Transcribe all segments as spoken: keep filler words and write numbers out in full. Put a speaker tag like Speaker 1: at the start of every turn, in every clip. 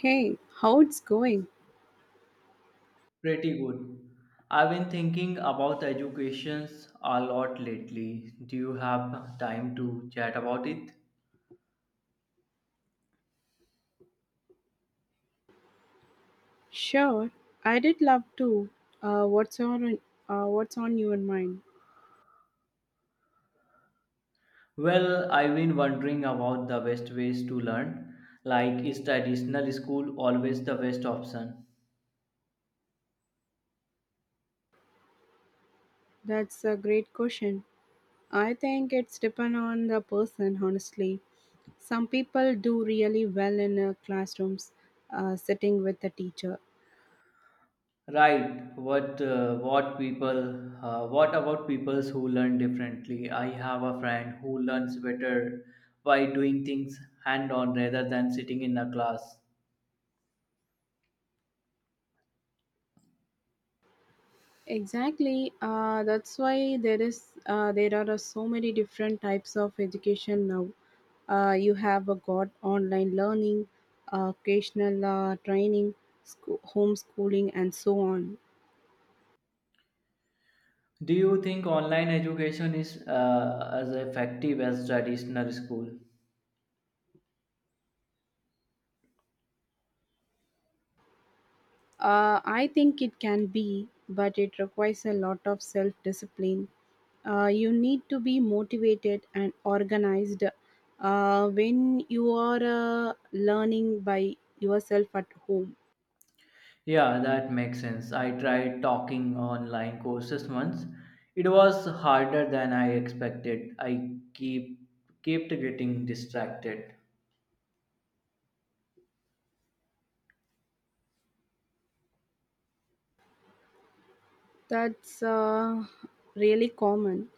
Speaker 1: Hey, how it's going?
Speaker 2: Pretty good. I've been thinking about educations a lot lately. Do you have time to chat about it?
Speaker 1: Sure, I did love to. Uh, what's on uh, What's on your mind?
Speaker 2: Well, I've been wondering about the best ways to learn. Like, is traditional school always the best option?
Speaker 1: That's a great question. I think it's depend on the person, honestly. Some people do really well in uh, classrooms, uh, sitting with the teacher,
Speaker 2: Right. What uh, what people? Uh, what about people who learn differently? I have a friend who learns better by doing things hand on rather than sitting in a class.
Speaker 1: Exactly. Uh, that's why there is uh, there are uh, so many different types of education now. Uh, you have uh, got online learning, uh, occasional uh, training, school, homeschooling, and so on.
Speaker 2: Do you think online education is uh, as effective as traditional school?
Speaker 1: Uh, I think it can be, but it requires a lot of self discipline. Uh, you need to be motivated and organized uh, when you are uh, learning by yourself at home.
Speaker 2: Yeah, that makes sense. I tried talking online courses once. It was harder than I expected. I keep kept getting distracted.
Speaker 1: That's uh, really common.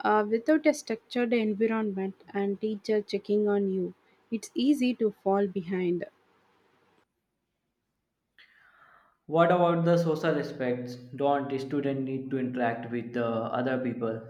Speaker 1: Uh, without a structured environment and teacher checking on you, it's easy to fall behind.
Speaker 2: What about the social aspects? Don't students need to interact with the other people?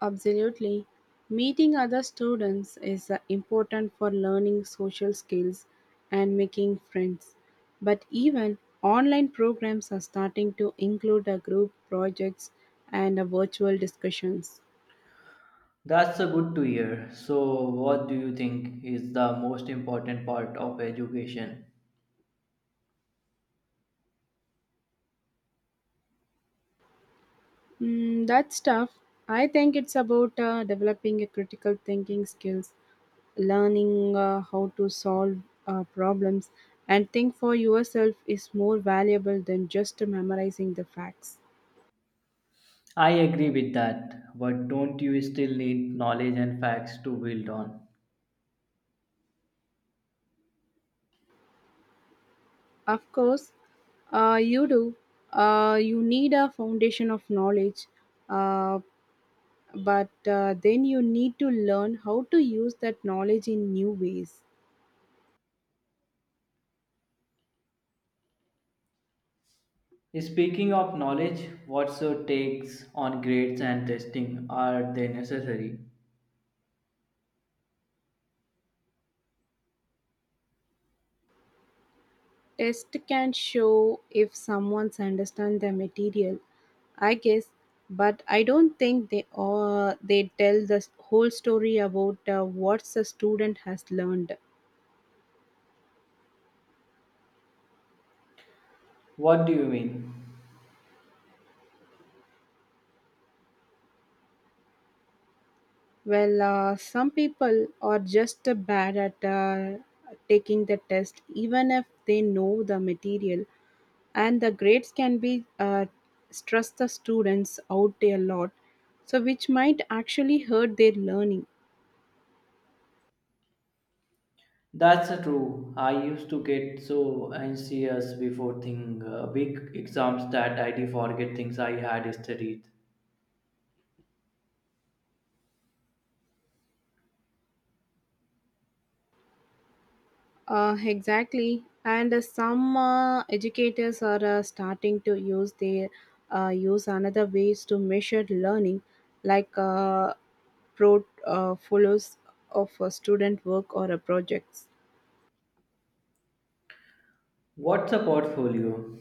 Speaker 1: Absolutely. Meeting other students is uh, important for learning social skills and making friends. But even online programs are starting to include uh, group projects and uh, virtual discussions.
Speaker 2: That's a good to hear. So, what do you think is the most important part of education?
Speaker 1: Mm, that's tough. I think it's about uh, developing a critical thinking skills, learning uh, how to solve uh, problems, and think for yourself is more valuable than just memorizing the facts.
Speaker 2: I agree with that, but don't you still need knowledge and facts to build on?
Speaker 1: Of course, uh, you do. Uh, you need a foundation of knowledge, uh, but uh, then you need to learn how to use that knowledge in new ways.
Speaker 2: Speaking of knowledge, what's your takes on grades and testing? Are they necessary?
Speaker 1: Test can show if someone's understand the material, I guess, but I don't think they uh, they tell the whole story about uh, what the student has learned.
Speaker 2: What do you mean?
Speaker 1: Well, uh, some people are just uh, bad at uh, taking the test, even if they know the material, and the grades can be uh, stress the students out a lot, so which might actually hurt their learning.
Speaker 2: That's true. I used to get so anxious before thing, uh, big exams that I did forget things I had studied.
Speaker 1: Uh, exactly. And uh, some uh, educators are uh, starting to use their uh, use another ways to measure learning, like uh, pro uh, follows of a student work or a projects.
Speaker 2: What's a portfolio?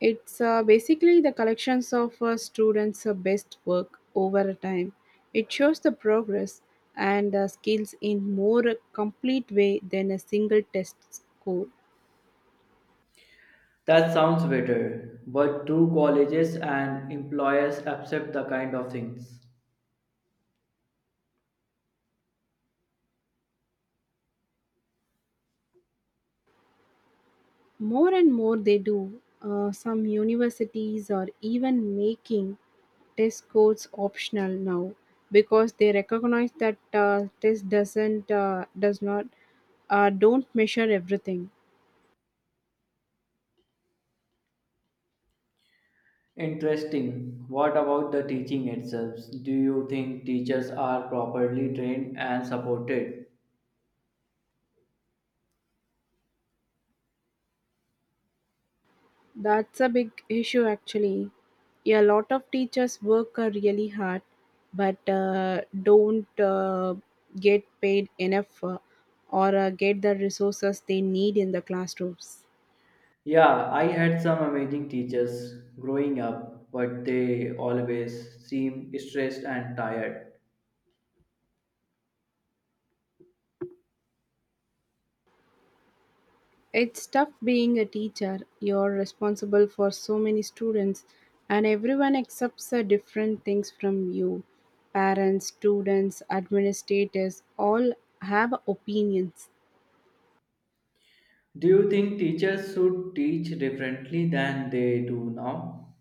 Speaker 1: It's uh, basically the collections of uh, students' uh, best work over a time. It shows the progress and uh, skills in more complete way than a single test score.
Speaker 2: That sounds better, but do colleges and employers accept the kind of things?
Speaker 1: More and more they do. Uh, some universities are even making test scores optional now because they recognize that uh, test doesn't uh, does not uh, don't measure everything.
Speaker 2: Interesting. What about the teaching itself? Do you think teachers are properly trained and supported?
Speaker 1: That's a big issue actually. Yeah, a lot of teachers work uh, really hard but uh, don't uh, get paid enough uh, or uh, get the resources they need in the classrooms.
Speaker 2: Yeah, I had some amazing teachers growing up, but they always seem stressed and tired.
Speaker 1: It's tough being a teacher. You're responsible for so many students, and everyone accepts uh, different things from you. Parents, students, administrators all have opinions.
Speaker 2: Do you think teachers should teach differently than they do now?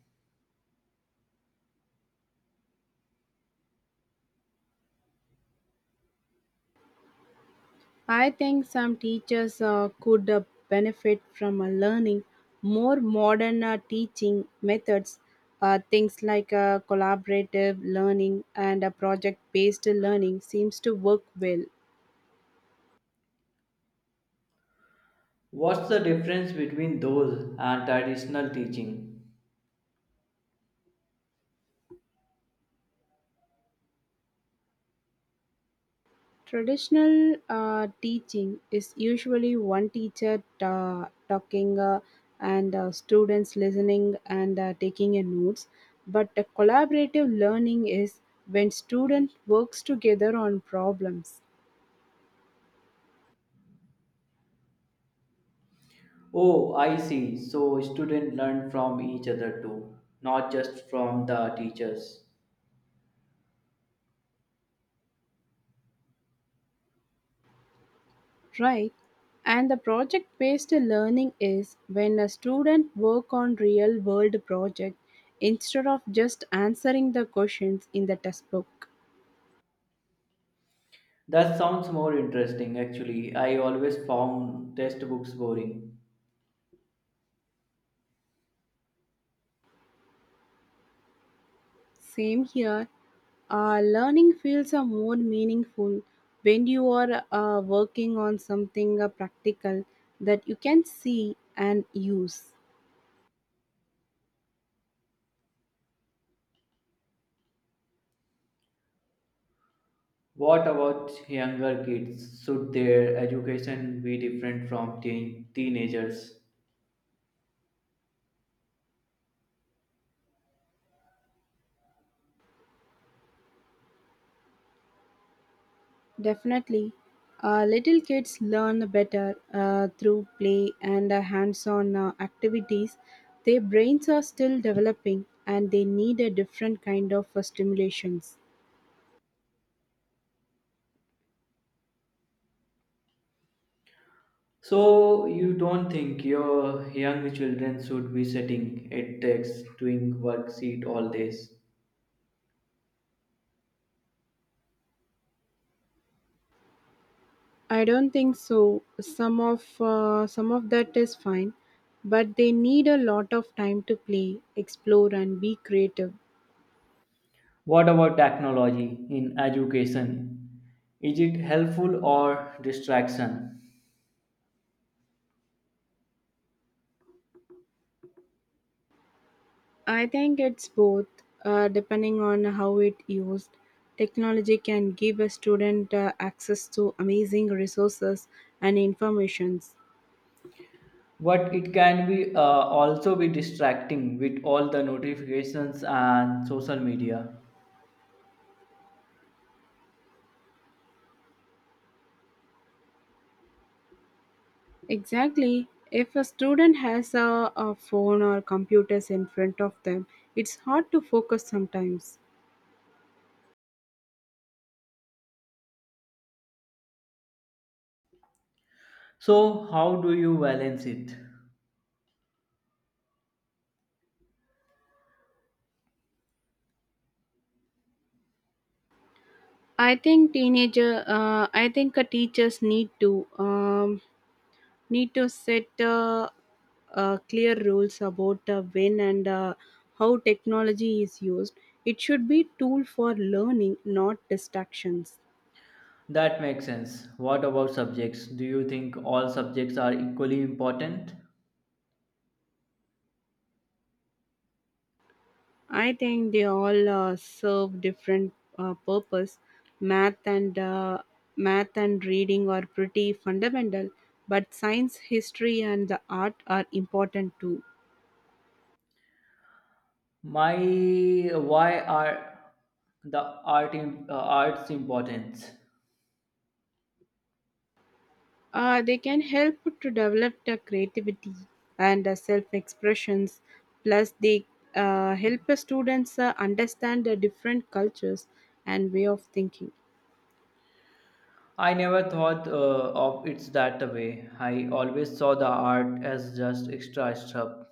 Speaker 1: I think some teachers uh, could uh, benefit from uh, learning more modern uh, teaching methods, uh, things like uh, collaborative learning and uh, project based learning seems to work well.
Speaker 2: What's the difference between those and traditional teaching?
Speaker 1: Traditional uh, teaching is usually one teacher ta- talking uh, and uh, students listening and uh, taking in notes, but the collaborative learning is when student works together on problems,
Speaker 2: Oh, I see. So students learn from each other too, not just from the teachers.
Speaker 1: right? And the project-based learning is when a student work on real-world project instead of just answering the questions in the textbook.
Speaker 2: That sounds more interesting, actually. I always found textbooks boring.
Speaker 1: Same here. Uh, learning feels uh, more meaningful when you are uh, working on something uh, practical that you can see and use.
Speaker 2: What about younger kids? Should their education be different from teen- teenagers?
Speaker 1: Definitely. Uh, little kids learn better uh, through play and uh, hands on uh, activities. Their brains are still developing and they need a different kind of uh, stimulations.
Speaker 2: So, you don't think your young children should be sitting at desks doing worksheet all days?
Speaker 1: I don't think so. Some of uh, some of that is fine, but they need a lot of time to play, explore, and be creative.
Speaker 2: What about technology in education? Is it helpful or distraction?
Speaker 1: I think it's both, uh, depending on how it used. Technology can give a student uh, access to amazing resources and informations.
Speaker 2: But it can be uh, also be distracting with all the notifications and social media.
Speaker 1: Exactly. If a student has a, a phone or computers in front of them, it's hard to focus sometimes.
Speaker 2: So how do you balance it?
Speaker 1: I think teenager. Uh, I think uh, teachers need to um, need to set uh, uh, clear rules about uh, when and uh, how technology is used. It should be tool for learning, not distractions.
Speaker 2: That makes sense. What about subjects? Do you think all subjects are equally important?
Speaker 1: I think they all uh, serve different uh, purpose. Math and uh, math and reading are pretty fundamental, but science, history, and the art are important too.
Speaker 2: My why are the art im- uh, arts importance?
Speaker 1: Uh, they can help to develop the creativity and the self-expressions. Plus, they uh, help the students uh, understand the different cultures and way of thinking.
Speaker 2: I never thought uh, of it that way. I always saw the art as just extra stuff.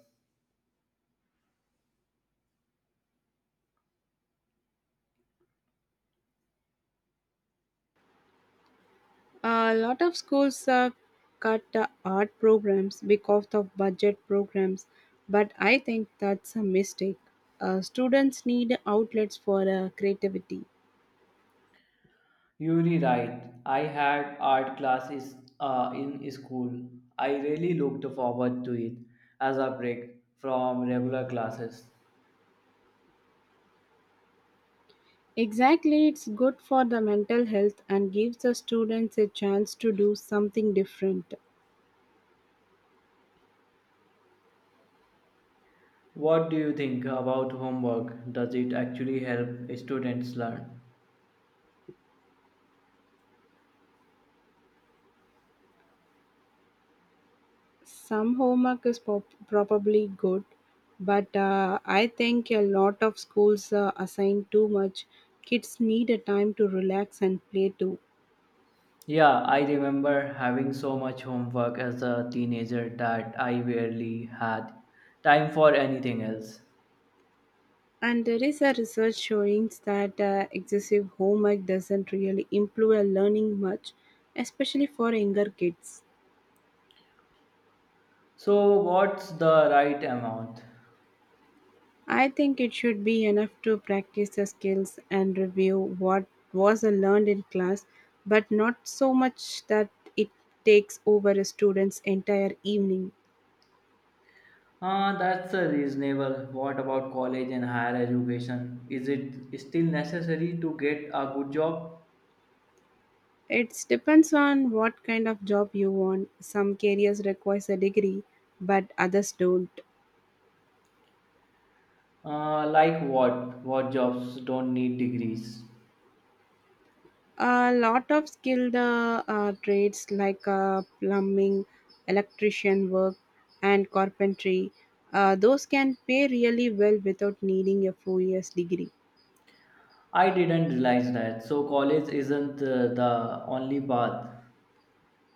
Speaker 1: A lot of schools uh, cut the art programs because of budget programs, but I think that's a mistake. Uh, students need outlets for uh, creativity.
Speaker 2: You're right. I had art classes uh, in school. I really looked forward to it as a break from regular classes.
Speaker 1: Exactly, it's good for the mental health and gives the students a chance to do something different.
Speaker 2: What do you think about homework? Does it actually help students learn?
Speaker 1: Some homework is pop- probably good, but uh, I think a lot of schools uh, assign too much. Kids need a time to relax and play too.
Speaker 2: Yeah, I remember having so much homework as a teenager that I barely had time for anything else.
Speaker 1: And there is a research showing that uh, excessive homework doesn't really improve our learning much, especially for younger kids.
Speaker 2: So, what's the right amount?
Speaker 1: I think it should be enough to practice the skills and review what was learned in class, but not so much that it takes over a student's entire evening.
Speaker 2: Ah, that's uh, reasonable. What about college and higher education? Is it still necessary to get a good job?
Speaker 1: It depends on what kind of job you want. Some careers requires a degree, but others don't.
Speaker 2: Uh, like what? What jobs don't need degrees?
Speaker 1: A lot of skilled uh, uh, trades like uh, plumbing, electrician work, and carpentry, uh, those can pay really well without needing a four years degree.
Speaker 2: I didn't realize that. So college isn't uh, the only path.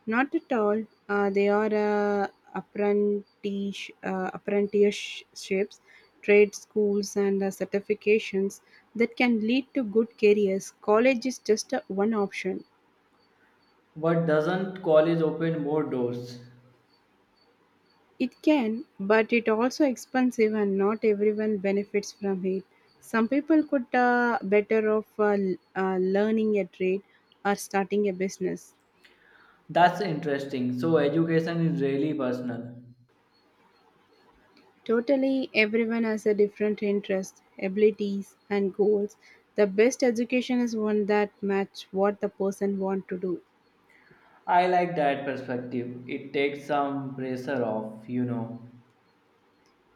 Speaker 1: Not at all. Uh, they are uh, apprentice, uh, apprenticeships, trade schools, and uh, certifications that can lead to good careers. College is just uh, one option.
Speaker 2: But doesn't college open more doors?
Speaker 1: It can, but it also expensive, and not everyone benefits from it. Some people could uh, better off uh, l- uh, learning a trade or starting a business.
Speaker 2: That's interesting. So education is really personal.
Speaker 1: Totally, everyone has a different interest, abilities, and goals. The best education is one that match what the person want to do.
Speaker 2: I like that perspective. It takes some pressure off, you know.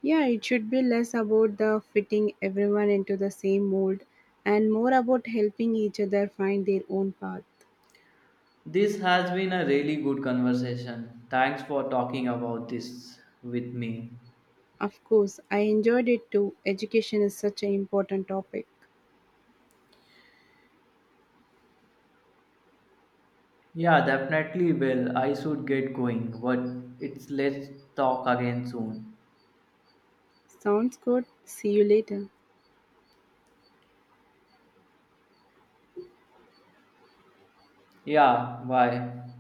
Speaker 1: Yeah, it should be less about the fitting everyone into the same mold and more about helping each other find their own path.
Speaker 2: This has been a really good conversation. Thanks for talking about this with me.
Speaker 1: Of course, I enjoyed it too. Education is such an important topic.
Speaker 2: Yeah, definitely will. I should get going, but it's let's talk again soon.
Speaker 1: Sounds good. See you later.
Speaker 2: Yeah, bye.